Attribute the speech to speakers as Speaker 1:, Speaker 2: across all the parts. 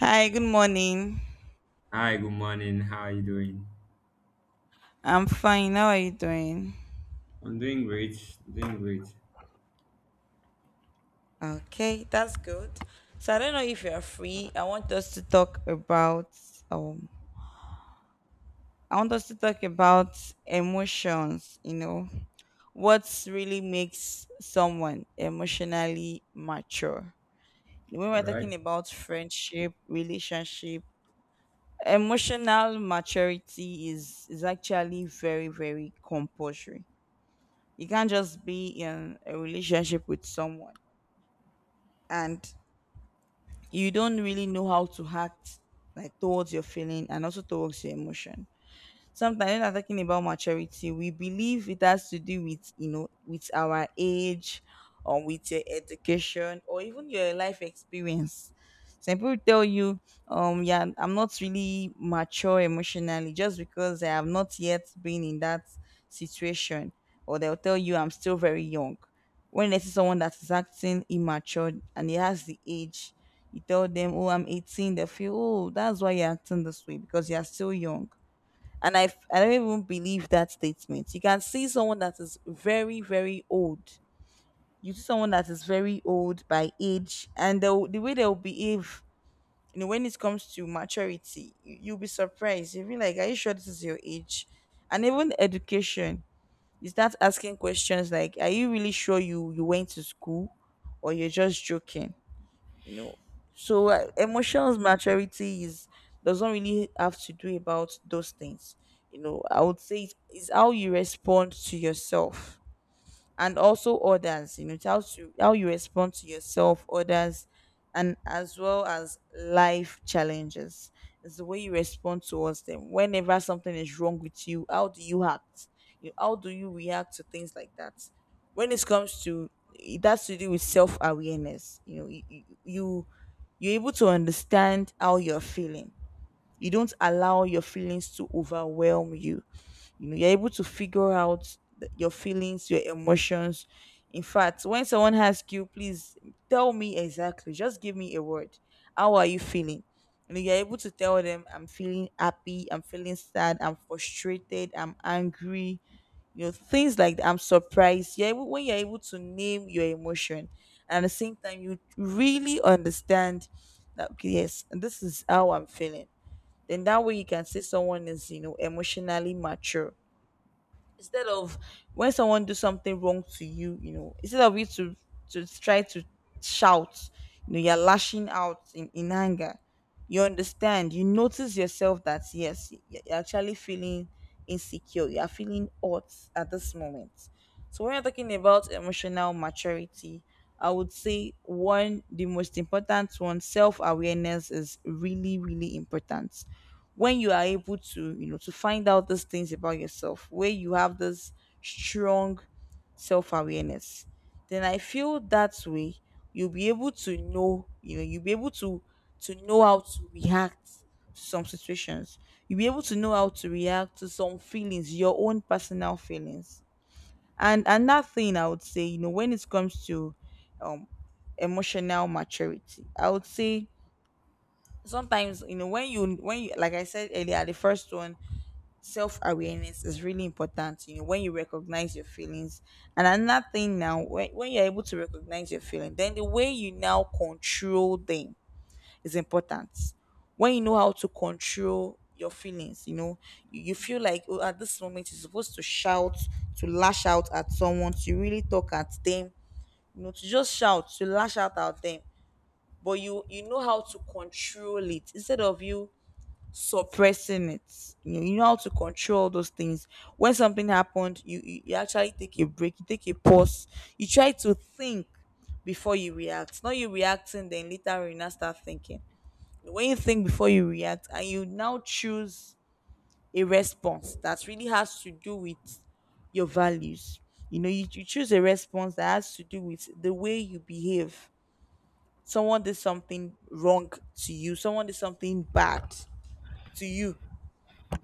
Speaker 1: Hi, good morning.
Speaker 2: Hi, good morning. How are you doing?
Speaker 1: I'm fine. How are you doing?
Speaker 2: I'm doing great. Doing great.
Speaker 1: Okay, that's good. So I don't know if you're free. Um I want us to talk about emotions. What really makes someone emotionally mature? When
Speaker 2: All
Speaker 1: we're
Speaker 2: right.
Speaker 1: talking about friendship, relationship, emotional maturity is actually very, very compulsory. You can't just be in a relationship with someone and you don't really know how to act like towards your feeling and also towards your emotion. Sometimes when I'm talking about maturity, we believe it has to do with you know with our age, or with your education, or even your life experience. Some people tell you, yeah, I'm not really mature emotionally just because I have not yet been in that situation, or they'll tell you I'm still very young. When they see someone that is acting immature and he has the age, you tell them, "Oh, I'm 18," they feel, "Oh, that's why you're acting this way because you're still young." And I don't even believe that statement. You can see someone that is very very old. You see someone that is very old by age, and the way they'll behave, when it comes to maturity, you'll be surprised. You'll be like, "Are you sure this is your age?" And even education, you start asking questions like, "Are you really sure you went to school, or you're just joking?" you know so emotions maturity is, doesn't really have to do about those things. I would say it's how you respond to yourself and also others. It's how you respond to yourself, others, and as well as life challenges. It's the way you respond towards them. Whenever something is wrong with you, how do you act? You How do you react to things like that? When it comes to It has to do with self-awareness. You know you you, you You're able to understand how you're feeling. You don't allow your feelings to overwhelm you. You know You're able to figure out your feelings, your emotions. In fact, when someone asks you, "Please tell me exactly, just give me a word, how are you feeling?" You're able to tell them, "I'm feeling happy, I'm feeling sad, I'm frustrated, I'm angry," things like that. I'm surprised when you're able to name your emotion, and at the same time you really understand that, okay, yes, this is how I'm feeling, then that way you can say someone is, emotionally mature. Instead of, when someone do something wrong to you, instead of you to try to shout, you're lashing out in anger. You understand, you notice yourself that yes, you're actually feeling insecure, you are feeling hurt at this moment. So when you're talking about emotional maturity, I would say one, the most important one, self awareness is really, really important. When you are able to, to find out these things about yourself, where you have this strong self-awareness, then I feel that way you'll be able to know, you'll be able to know how to react to some situations. You'll be able to know how to react to some feelings, your own personal feelings. And another thing I would say, when it comes to um emotional maturity, I would say sometimes, when you, like I said earlier, the first one, self awareness is really important. You know, when you recognize your feelings, and another thing now, when you're able to recognize your feeling, then the way you now control them is important. When you know how to control your feelings, you feel like, oh, at this moment you're supposed to shout, to lash out at someone, to really talk at them, to just shout, to lash out at them. But you know how to control it instead of you suppressing it. You know how to control those things. When something happened, you actually take a break, you take a pause, you try to think before you react. Not you reacting, then later you now start thinking. When you think before you react, and you now choose a response that really has to do with your values. You know, you choose a response that has to do with the way you behave. Someone did something wrong to you, someone did something bad to you,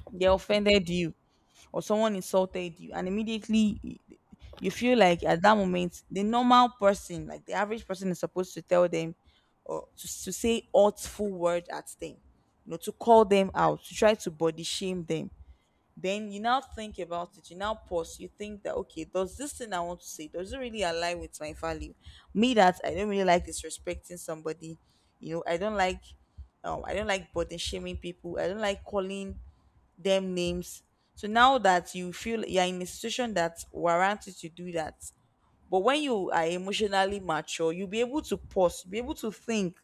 Speaker 1: they offended you, or someone insulted you, and immediately you feel like at that moment the normal person, like the average person, is supposed to tell them, or to say hurtful words at them, to call them out, to try to body shame them. Then you now think about it, you now pause, you think that, okay, does this thing I want to say, does it really align with my value? Me, that I don't really like disrespecting somebody, you know i don't like I don't like body shaming people. I don't like calling them names. So now that you feel you're in a situation that warrants you to do that, but when you are emotionally mature, you'll be able to pause, be able to think,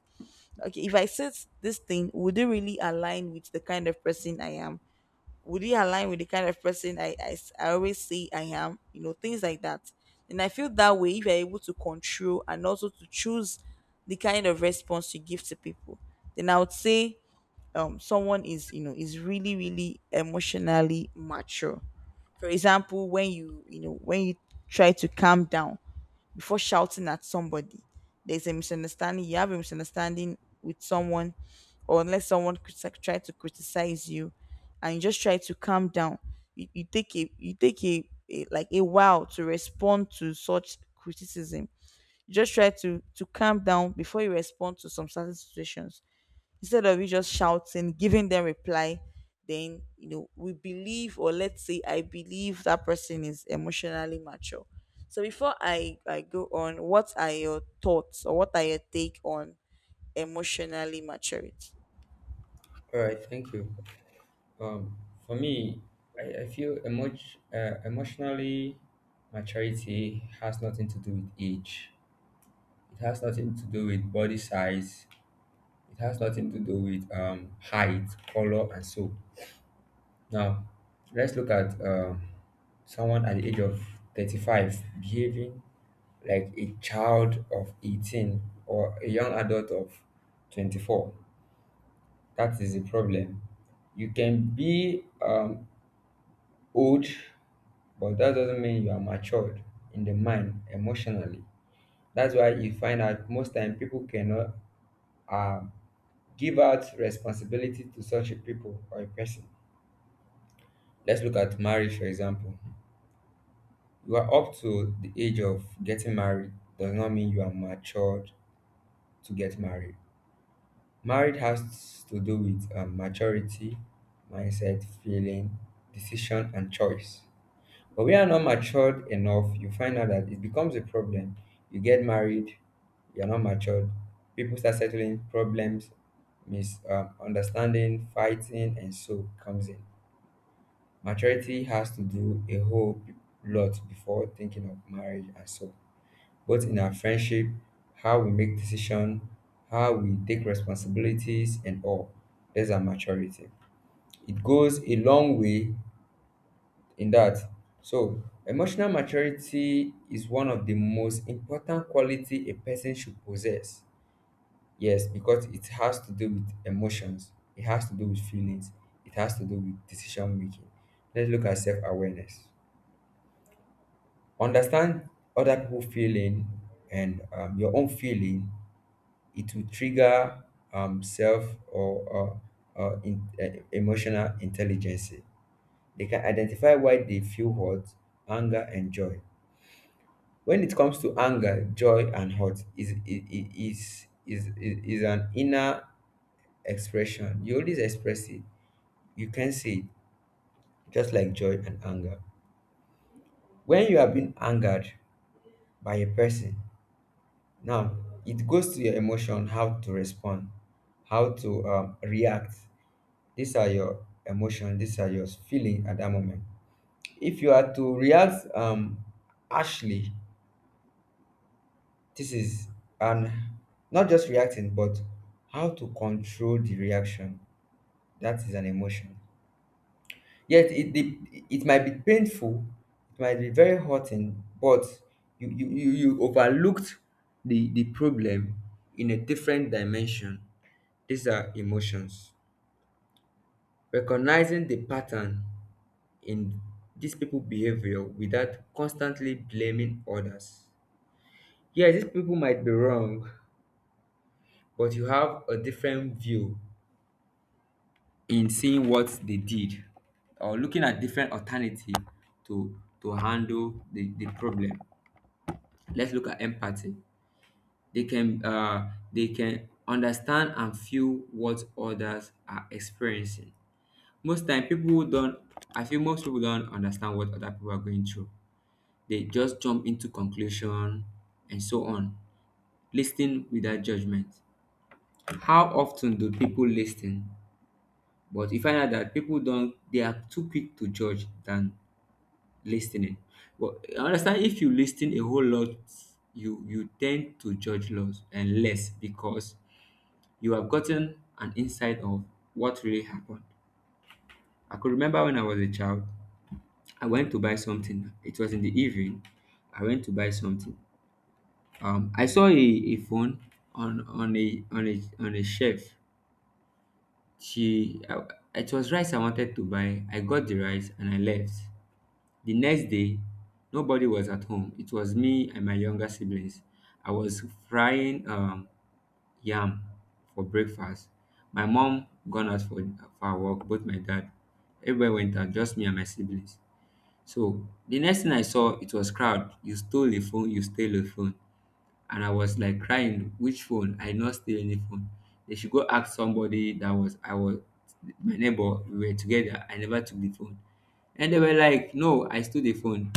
Speaker 1: okay, if I said this thing, would it really align with the kind of person I am? Would it align with the kind of person I always say I am? You know, things like that. And I feel that way, if you're able to control and also to choose the kind of response you give to people, then I would say someone is you know is really, really emotionally mature. For example, when you try to calm down before shouting at somebody. There's a misunderstanding You have a misunderstanding with someone, or unless someone try to criticize you, and you just try to calm down. You take a like, a while to respond to such criticism. You just try to calm down before you respond to some certain situations, instead of you just shouting, giving them reply. Then we believe, or let's say I believe, that person is emotionally mature. So before I go on, what are your thoughts, or what are your take on emotionally maturity?
Speaker 2: All right, thank you. Um, for me, I feel emotionally maturity has nothing to do with age. It has nothing to do with body size. It has nothing to do with height, color, and so. Now, let's look at someone at the age of 35 behaving like a child of 18 or a young adult of 24. That is the problem. You can be old, but that doesn't mean you are matured in the mind emotionally. That's why you find out most time people cannot um, give out responsibility to such a people or a person. Let's look at marriage, for example. You are up to the age of getting married does not mean you are matured to get married. Marriage has to do with maturity, mindset, feeling, decision, and choice. But we are not matured enough. You find out that it becomes a problem. You get married, you are not matured. People start settling problems, misunderstanding, fighting, and so comes in. Maturity has to do a whole lot before thinking of marriage and so, both in our friendship, how we make decisions, how we take responsibilities, and all. There's our maturity. It goes a long way in that. So, emotional maturity is one of the most important quality a person should possess. Yes, because it has to do with emotions, it has to do with feelings, it has to do with decision making. Let's look at self awareness. Understand other people feeling and your own feeling, it will trigger um, self or emotional intelligence. They can identify why they feel hurt, anger, and joy. When it comes to anger, joy, and hurt, is an inner expression. You always express it. You can say it, just like joy and anger. When you have been angered by a person, now it goes to your emotion, how to respond, how to react. These are your emotion. These are your feeling at that moment. If you are to react harshly, this is an, not just reacting, but how to control the reaction. That is an emotion. Yet it might be painful, it might be very hurting, but you overlooked the problem in a different dimension. These are emotions. Recognizing the pattern in these people behavior without constantly blaming others. Yeah, these people might be wrong, but you have a different view in seeing what they did or looking at different alternative to handle the problem. Let's look at empathy. They can understand and feel what others are experiencing. Most time people don't. I feel most people don't understand what other people are going through. They just jump into conclusion and so on. Listening without judgment. How often do people listen? But you find out that people don't, they are too quick to judge than listening. But I understand if you listen a whole lot, you tend to judge less and less because you have gotten an insight of what really happened. I could remember when I was a child, I went to buy something. It was in the evening. I went to buy something. I saw a phone on a shelf. She, I, it was rice I wanted to buy. I got the rice and I left. The next day, nobody was at home. It was me and my younger siblings. I was frying yam for breakfast. My mom gone out for her work. Both my dad, everybody went out. Just me and my siblings. So the next thing I saw, it was crowd. You stole the phone. You stole the phone. And I was like crying, which phone? I not steal any phone. They should go ask somebody that was I was my neighbor, we were together. I never took the phone. And they were like, no, I stole the phone.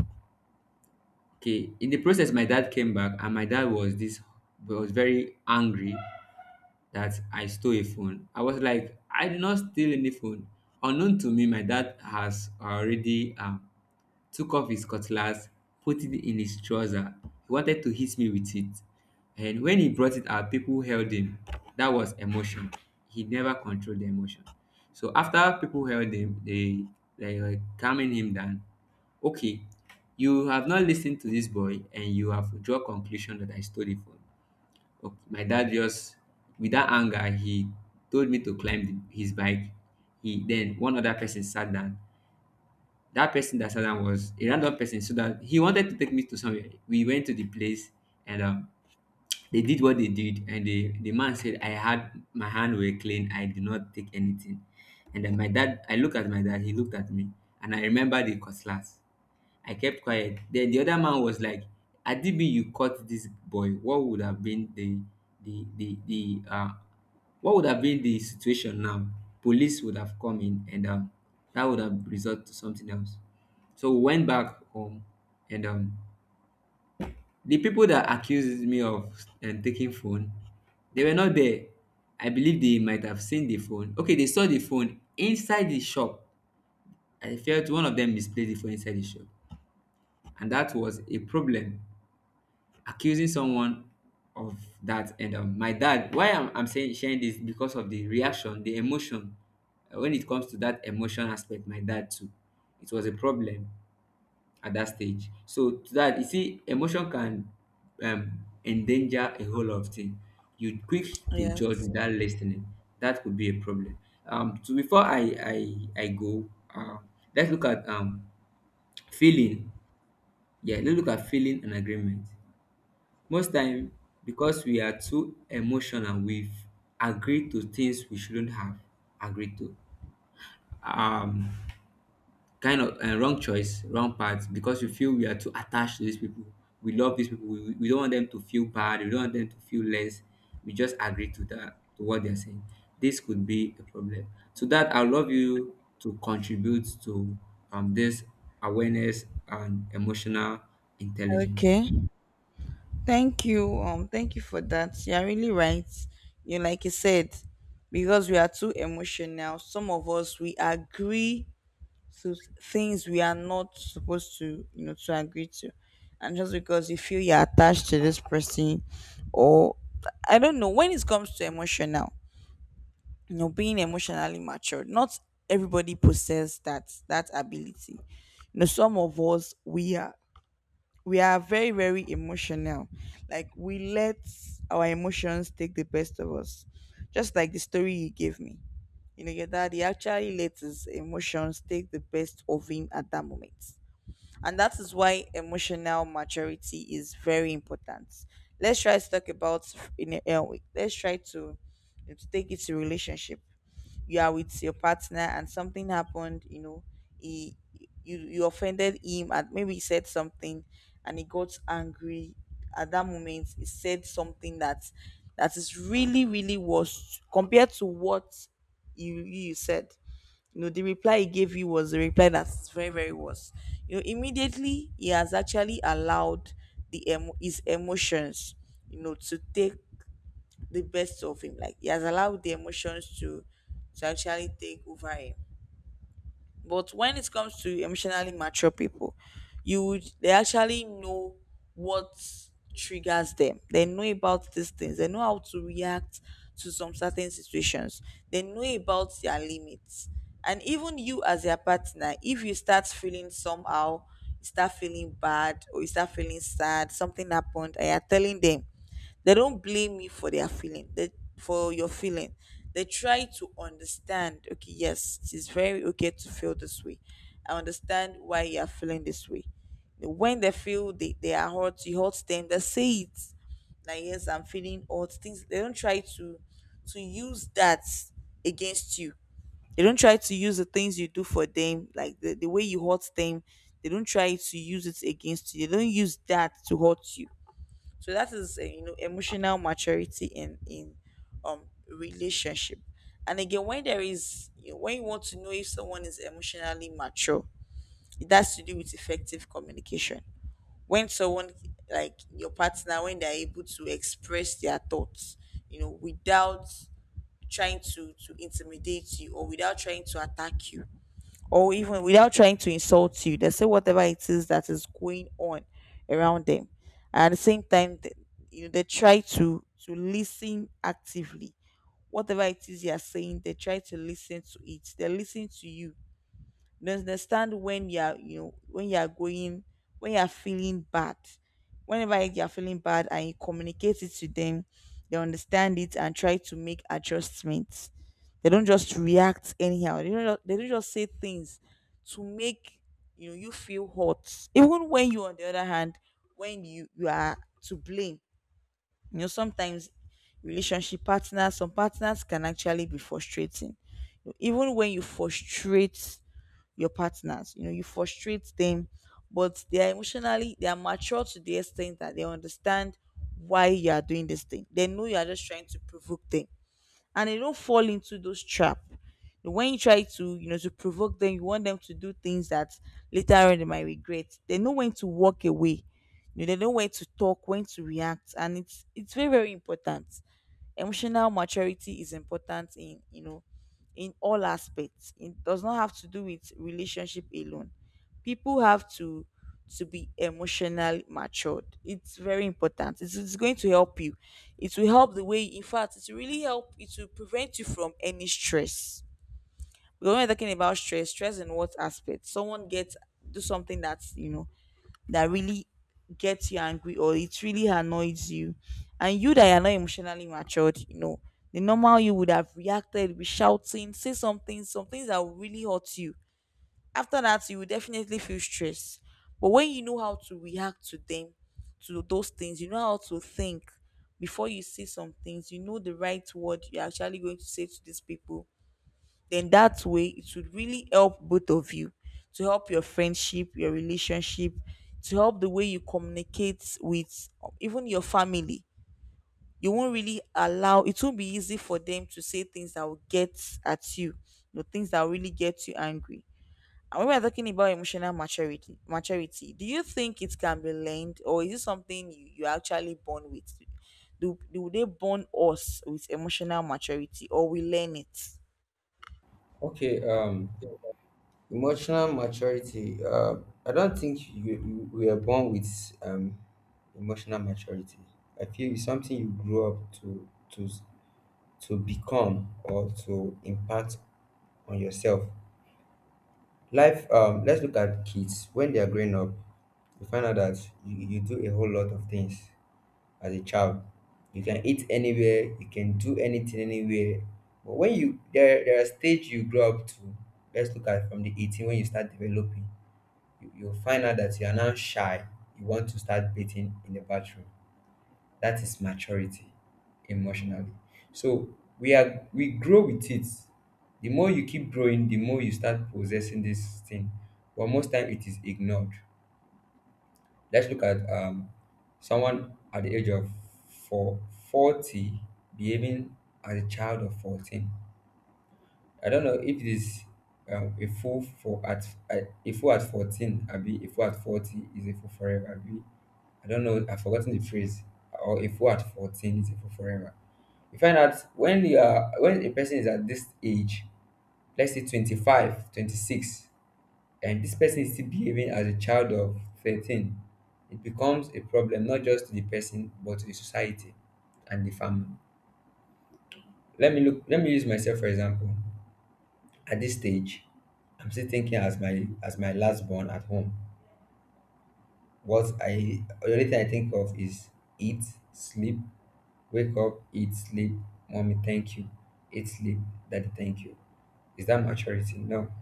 Speaker 2: Okay. In the process, my dad came back and my dad was this was very angry that I stole a phone. I was like, I did not steal any phone. Unknown to me, my dad has already took off his cutlass, put it in his trouser. He wanted to hit me with it. And when he brought it out, people held him. That was emotion. He never controlled the emotion. So after people held him, they were calming him down. Okay, you have not listened to this boy and you have draw conclusion that I stole it from. Okay, my dad just with that anger he told me to climb his bike. He then one other person sat down, that person that Saddam was a random person, so that he wanted to take me to somewhere. We went to the place and they did what they did, and the man said, I had my hand were clean, I did not take anything. And then my dad, I looked at my dad, he looked at me, and I remember the cutlass. I kept quiet. Then the other man was like, had you caught this boy, what would have been the what would have been the situation now? Police would have come in and that would have resulted to something else. So we went back home and the people that accused me of taking phone, they were not there. I believe they might have seen the phone. Okay, they saw the phone inside the shop. I felt one of them misplaced the phone inside the shop. And that was a problem accusing someone of that. And my dad, why I'm saying sharing this because of the reaction the emotion. When it comes to that emotion aspect, my dad too, it was a problem at that stage. So to that you see emotion can endanger a whole lot of things. You quick to judge
Speaker 1: Yes.
Speaker 2: without listening, that could be a problem. So before I go um let's look at feeling. Yeah, let's look at feeling and agreement. Most time, because we are too emotional, we've agreed to things we shouldn't have agreed to. Um, Kind of wrong choice, wrong path because we feel we are too attached to these people. We love these people. We don't want them to feel bad. We don't want them to feel less. We just agree to that to what they're saying. This could be a problem. To that, I love you to contribute to this awareness and emotional intelligence.
Speaker 1: Okay. Thank you. Thank you for that. You're really right. You know, like you said, because we are too emotional, some of us we agree to things we are not supposed to, to agree to. And just because you feel you're attached to this person, or, I don't know, when it comes to emotional, being emotionally mature, not everybody possess that ability. Some of us, we are very, very emotional. Like, we let our emotions take the best of us, just like the story you gave me. Your daddy actually let his emotions take the best of him at that moment, and that is why emotional maturity is very important. Let's try to talk about in a, Let's try to take it to relationship. You are with your partner and something happened. You know, he you you offended him, and maybe he said something, and he got angry. At that moment he said something that is really, really worse compared to what you said. The reply he gave you was the reply that's very, very worse. Immediately, he has actually allowed his emotions, to take the best of him. Like, he has allowed the emotions to actually take over him. But when it comes to emotionally mature people, you would they actually know what triggers them. They know about these things. They know how to react to some certain situations. They know about their limits. And even you as their partner, if you start feeling somehow, you start feeling bad, or you start feeling sad, something happened, and you're telling them, they don't blame you for their feeling, for your feeling. They try to understand, okay, yes, it is very okay to feel this way. I understand why you are feeling this way. When they feel they are hurt, you hurt them, they say it. Like, yes, I'm feeling hurt. Things, they don't try to use that against you. They don't try to use the things you do for them, like the way you hurt them. They don't try to use it against you. They don't use that to hurt you, so that is emotional maturity in um relationship. And again, when you want to know if someone is emotionally mature, it has to do with effective communication. When someone, like your partner, when they're able to express their thoughts without trying to intimidate you, or without trying to attack you, or even without trying to insult you, they say whatever it is that is going on around them. And at the same time, they try to listen actively. Whatever it is you are saying, they try to listen to it. They listen to you, they understand when you're going when you're feeling bad. Whenever you're feeling bad and you communicate it to them, they understand it and try to make adjustments. They don't just react anyhow. They don't just say things to make you feel hot. Even when you, on the other hand, when you are to blame. You know, sometimes relationship partners, some partners can actually be frustrating. Even when you frustrate your partners. You know, you frustrate them, but they are emotionally, they are mature to the extent that they understand why you are doing this thing. They know you are just trying to provoke them, and they don't fall into those trap. When you try to, you know, to provoke them, you want them to do things that later on they might regret. They know when to walk away. You know, they know when to talk, when to react, and it's very, very important. Emotional maturity is important in, in all aspects. It does not have to do with relationship alone. People have to be emotionally matured. It's very important. It's going to help you. It will help the way, in fact, it will really help. It will prevent you from any stress. We're only talking about stress. Stress in what aspect? Someone gets, do something that's that really gets you angry or it really annoys you, and you that are not emotionally matured, you know, the normal, you would have reacted with shouting, say something, some things that will really hurt you. After that, you will definitely feel stressed. But when you know how to react to them, to those things, you know how to think before you say some things, you know the right word you're actually going to say to these people, then that way it would really help both of you, to help your friendship, your relationship, to help the way you communicate with even your family. You won't really allow, it won't be easy for them to say things that will get at you, you know, things that will really get you angry. And when we're talking about emotional maturity, do you think it can be learned, or is it something you actually born with? Do they born us with emotional maturity, or we learn it?
Speaker 2: Okay. Emotional maturity. I don't think you we are born with emotional maturity. I feel it's something you grow up to to become or to impact on yourself. Life. Let's look at kids when they are growing up. You find out that you do a whole lot of things as a child. You can eat anywhere. You can do anything anywhere. But when you there there are stage you grow up to. Let's look at from the 18 when you start developing you'll find out that you are now shy. You want to start dating in the bathroom. That is maturity emotionally. So we are we grow with it. The more you keep growing, the more you start possessing this thing. But most time it is ignored. Let's look at someone at the age of four, 40 behaving as a child of 14. I don't know if it is um, a fool for at uh, a fool at 14, Abi, a fool at 40 is a fool forever, Abi. I don't know, I've forgotten the phrase, or a fool at 14 is a forever. You find out when you are, when a person is at this age, let's say 25, 26, and this person is still behaving as a child of 13, it becomes a problem not just to the person, but to the society and the family. Let me look, let me use myself for example. At this stage, I'm still thinking as my last born at home. What I the only thing I think of is eat, sleep, wake up, eat, sleep. Mommy, thank you. Eat, sleep. Daddy, thank you. Is that maturity? No.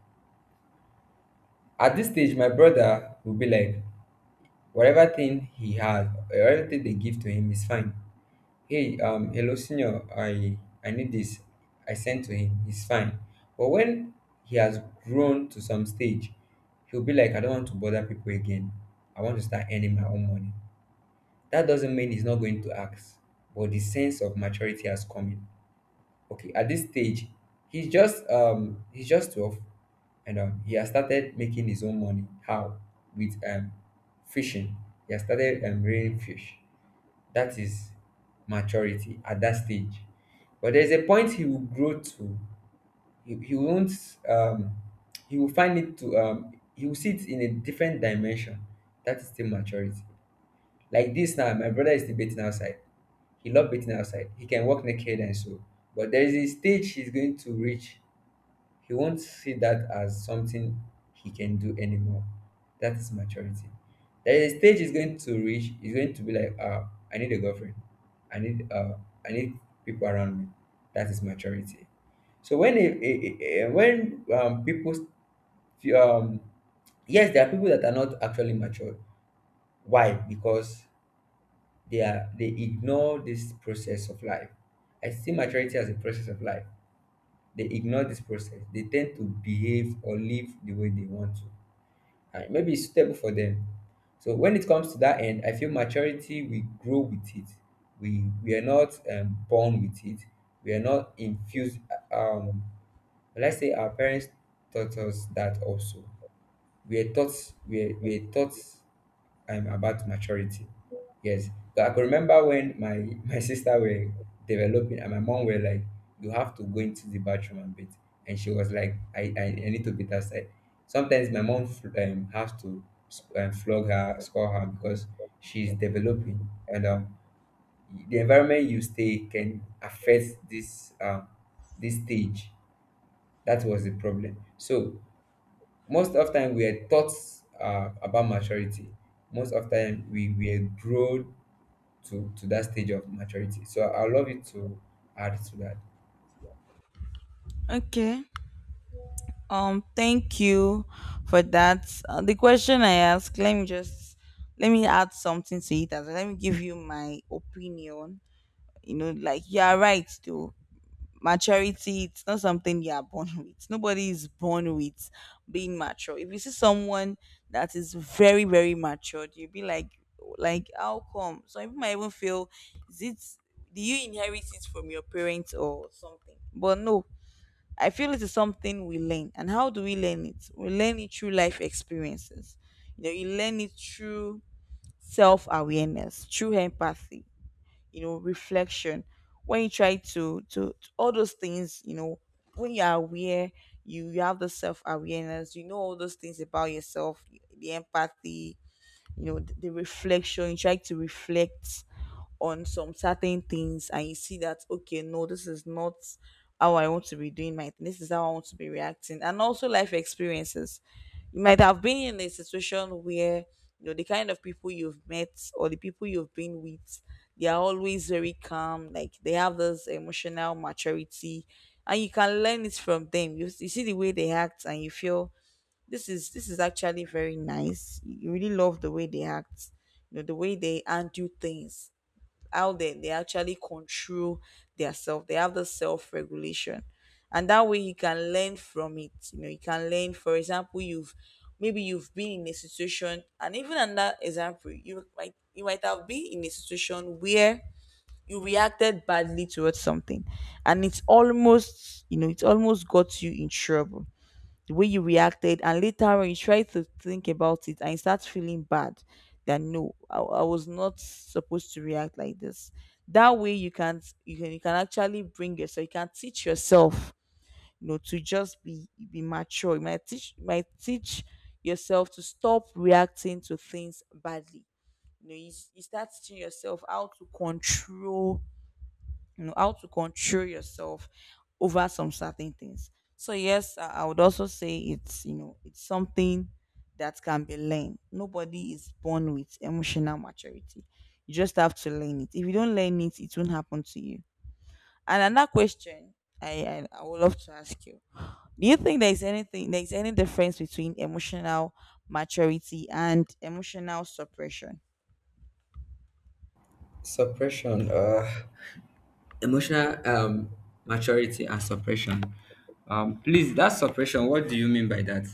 Speaker 2: At this stage, my brother will be like, whatever thing he has, whatever thing they give to him is fine. Hey, hello, senior. I need this. I sent to him. He's fine. But when he has grown to some stage, he'll be like, I don't want to bother people again. I want to start earning my own money. That doesn't mean he's not going to ask, but the sense of maturity has come in. Okay, at this stage he's just 12, and he has started making his own money. How? With fishing. He has started rearing fish. That is maturity at that stage. But there's a point he will grow to. He won't he will find it to he will see it in a different dimension. That is still maturity. Like this now, my brother is debating outside. He loved waiting outside. He can walk naked and so. But there is a stage he's going to reach. He won't see that as something he can do anymore. That is maturity. There is a stage he's going to reach. He's going to be like, I need a girlfriend. I need uh, I need people around me. That is maturity. So when people um yes, there are people that are not actually matured. Why? Because they ignore this process of life. I see maturity as a process of life. They ignore this process. They tend to behave or live the way they want to. And maybe it's suitable for them. So when it comes to that end, I feel maturity we grow with it. We are not born with it. We are not infused. Um, let's say our parents taught us that also. We are taught we are, we are taught I'm about maturity. Yes. So I could remember when my my sister were developing and my mom were like, you have to go into the bathroom and bit. And she was like, I need to beat outside. Sometimes my mom has to flog her, scold her because she's developing. And the environment you stay can affect this this stage. That was the problem. So most of time we are taught about maturity. Most of time we were grown to that stage of maturity. So I love you to add to that.
Speaker 1: Okay. Thank you for that. The question I asked, let me add something to it as well. Let me give you my opinion. You know, like you are right though. Maturity, it's not something you are born with. Nobody is born with being mature. If you see someone that is very, very matured, you'll be like, how come? Some people might even feel, is it, do you inherit it from your parents or something? But no, I feel it is something we learn. And how do we learn it? We learn it through life experiences. You know, you learn it through self awareness, through empathy, you know, reflection. When you try to, all those things, you know, when you are aware, you have the self awareness, you know all those things about yourself, the empathy, you know, the reflection, you try to reflect on some certain things and you see that, okay, no, this is not how I want to be doing my thing, this is how I want to be reacting. And also life experiences, you might have been in a situation where you know the kind of people you've met, or the people you've been with, they are always very calm, like they have this emotional maturity, and you can learn it from them. You see the way they act and you feel this is, this is actually very nice. You really love the way they act, you know, the way they handle things, how they actually control their self. They have the self-regulation. And that way you can learn from it. You know, you can learn, for example, you've maybe you've been in a situation, and even in that example, you might have been in a situation where you reacted badly towards something, and it's almost, you know, it almost got you in trouble, the way you reacted. And later on, you try to think about it and you start feeling bad that no, I was not supposed to react like this. That way, you can actually bring yourself, you can teach yourself, you know, to just be mature. You might teach yourself to stop reacting to things badly. You know, you start teaching yourself how to control, you know, how to control yourself over some certain things. So yes, I would also say it's, you know, it's something that can be learned. Nobody is born with emotional maturity. You just have to learn it. If you don't learn it, it won't happen to you. And another question I would love to ask you, do you think there is anything, there is any difference between emotional maturity and emotional suppression?
Speaker 2: Suppression, emotional maturity and suppression. Please, that suppression, what do you mean by that?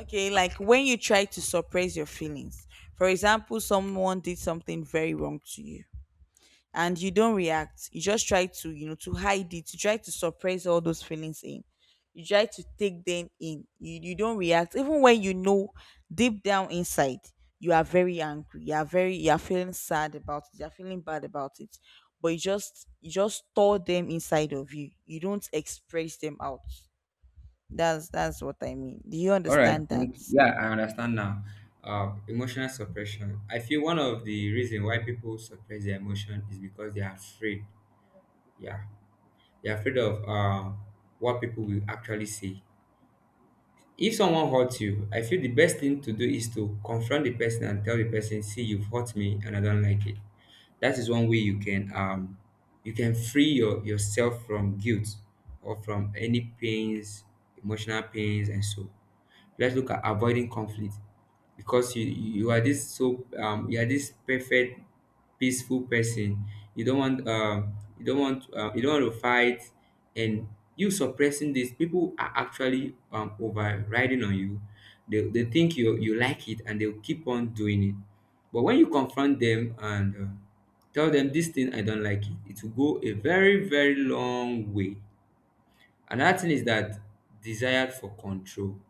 Speaker 1: Okay, like when you try to suppress your feelings. For example, someone did something very wrong to you and you don't react, you just try to, you know, to hide it, you try to suppress all those feelings in, you try to take them in. You don't react even when you know deep down inside you are very angry, you are very, you are feeling sad about it, you are feeling bad about it, but you just, you just store them inside of you, you don't express them out. That's what I mean. Do you
Speaker 2: All right,
Speaker 1: understand that?
Speaker 2: thank you. Yeah, I understand now. Emotional suppression. I feel one of the reason why people suppress their emotion is because they are afraid. Yeah. You're afraid of what people will actually say. If someone hurts you, I feel the best thing to do is to confront the person and tell the person, "See, you've hurt me, and I don't like it." That is one way you can free your, yourself from guilt or from any pains, emotional pains, and so let's look at avoiding conflict because you are this so you are this perfect peaceful person. You don't want you don't want you don't want to fight. And you suppressing this, people are actually overriding on you. They think you like it, and they'll keep on doing it. But when you confront them and tell them this thing I don't like it will go a very, very long way. Another thing is that desire for control.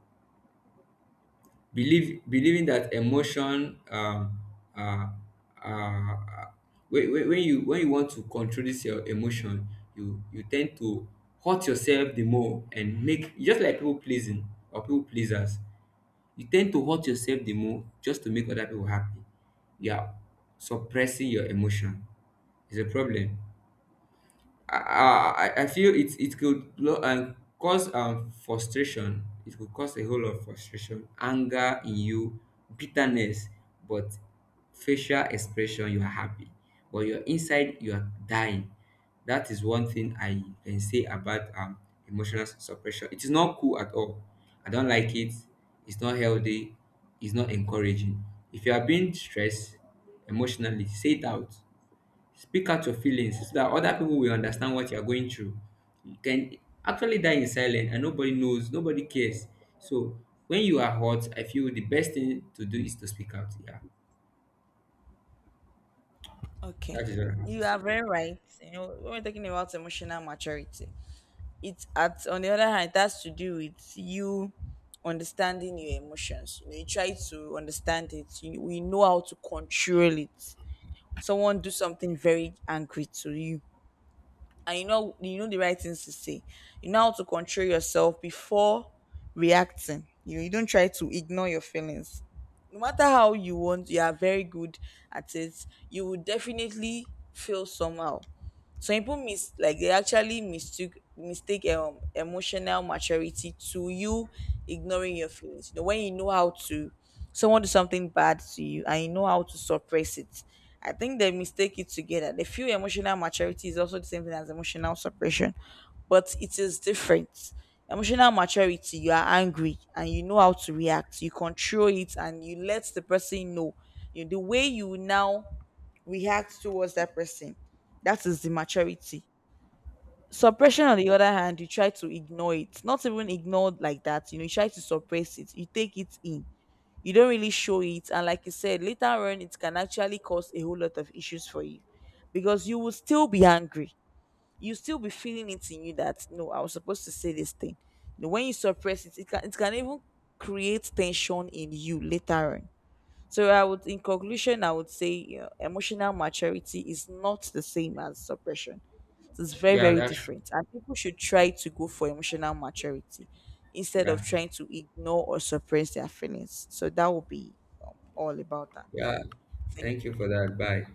Speaker 2: Believe Believing that emotion uh, uh, when you want to control this your emotion, you tend to hurt yourself the more, and make just like people pleasing or people pleasers. You tend to hurt yourself the more just to make other people happy. You are suppressing your emotion. It's a problem. I feel it could cause frustration. It could cause a whole lot of frustration, anger in you, bitterness, but facial expression you are happy, but your inside you are dying. That is one thing I can say about emotional suppression. It is not cool at all. I don't like it. It's not healthy. It's not encouraging. If you are being stressed emotionally, say it out. Speak out your feelings so that other people will understand what you're going through. You can actually die in silence, and nobody knows, nobody cares. So when you are hurt, I feel the best thing to do is to speak out. Yeah.
Speaker 1: Okay.
Speaker 2: That is what I have to
Speaker 1: You
Speaker 2: say.
Speaker 1: are
Speaker 2: Yeah.
Speaker 1: very right. You know, when we're talking about emotional maturity, it's at, on the other hand, it has to do with you understanding your emotions. You know, you try to understand it. You, we know how to control it. Someone do something very angry to you, and you know the right things to say, you know how to control yourself before reacting. You don't try to ignore your feelings, no matter how. You want, you are very good at it, you will definitely feel somehow. Some people mis like they actually mistook mistake emotional maturity to you ignoring your feelings. You know, when you know how to, someone do something bad to you and you know how to suppress it. I think they mistake it together. They feel emotional maturity is also the same thing as emotional suppression, but it is different. Emotional maturity, you are angry and you know how to react. You control it and you let the person know. You the way you now react towards that person. That is the maturity. Suppression, on the other hand, you try to ignore it. Not even ignore like that. You know, you try to suppress it. You take it in. You don't really show it. And like you said, later on, it can actually cause a whole lot of issues for you because you will still be angry. You still be feeling it in you that no, I was supposed to say this thing. You know, when you suppress it, it can even create tension in you later on. So I would, in conclusion, I would say, you know, emotional maturity is not the same as suppression. So, it's very,
Speaker 2: Yeah,
Speaker 1: very
Speaker 2: that's true.
Speaker 1: different, and people should try to go for emotional maturity instead of
Speaker 2: Yeah.
Speaker 1: trying to ignore or suppress their feelings. So that would be all about that.
Speaker 2: Yeah.
Speaker 1: Thank
Speaker 2: Thank
Speaker 1: you.
Speaker 2: you for that. Bye.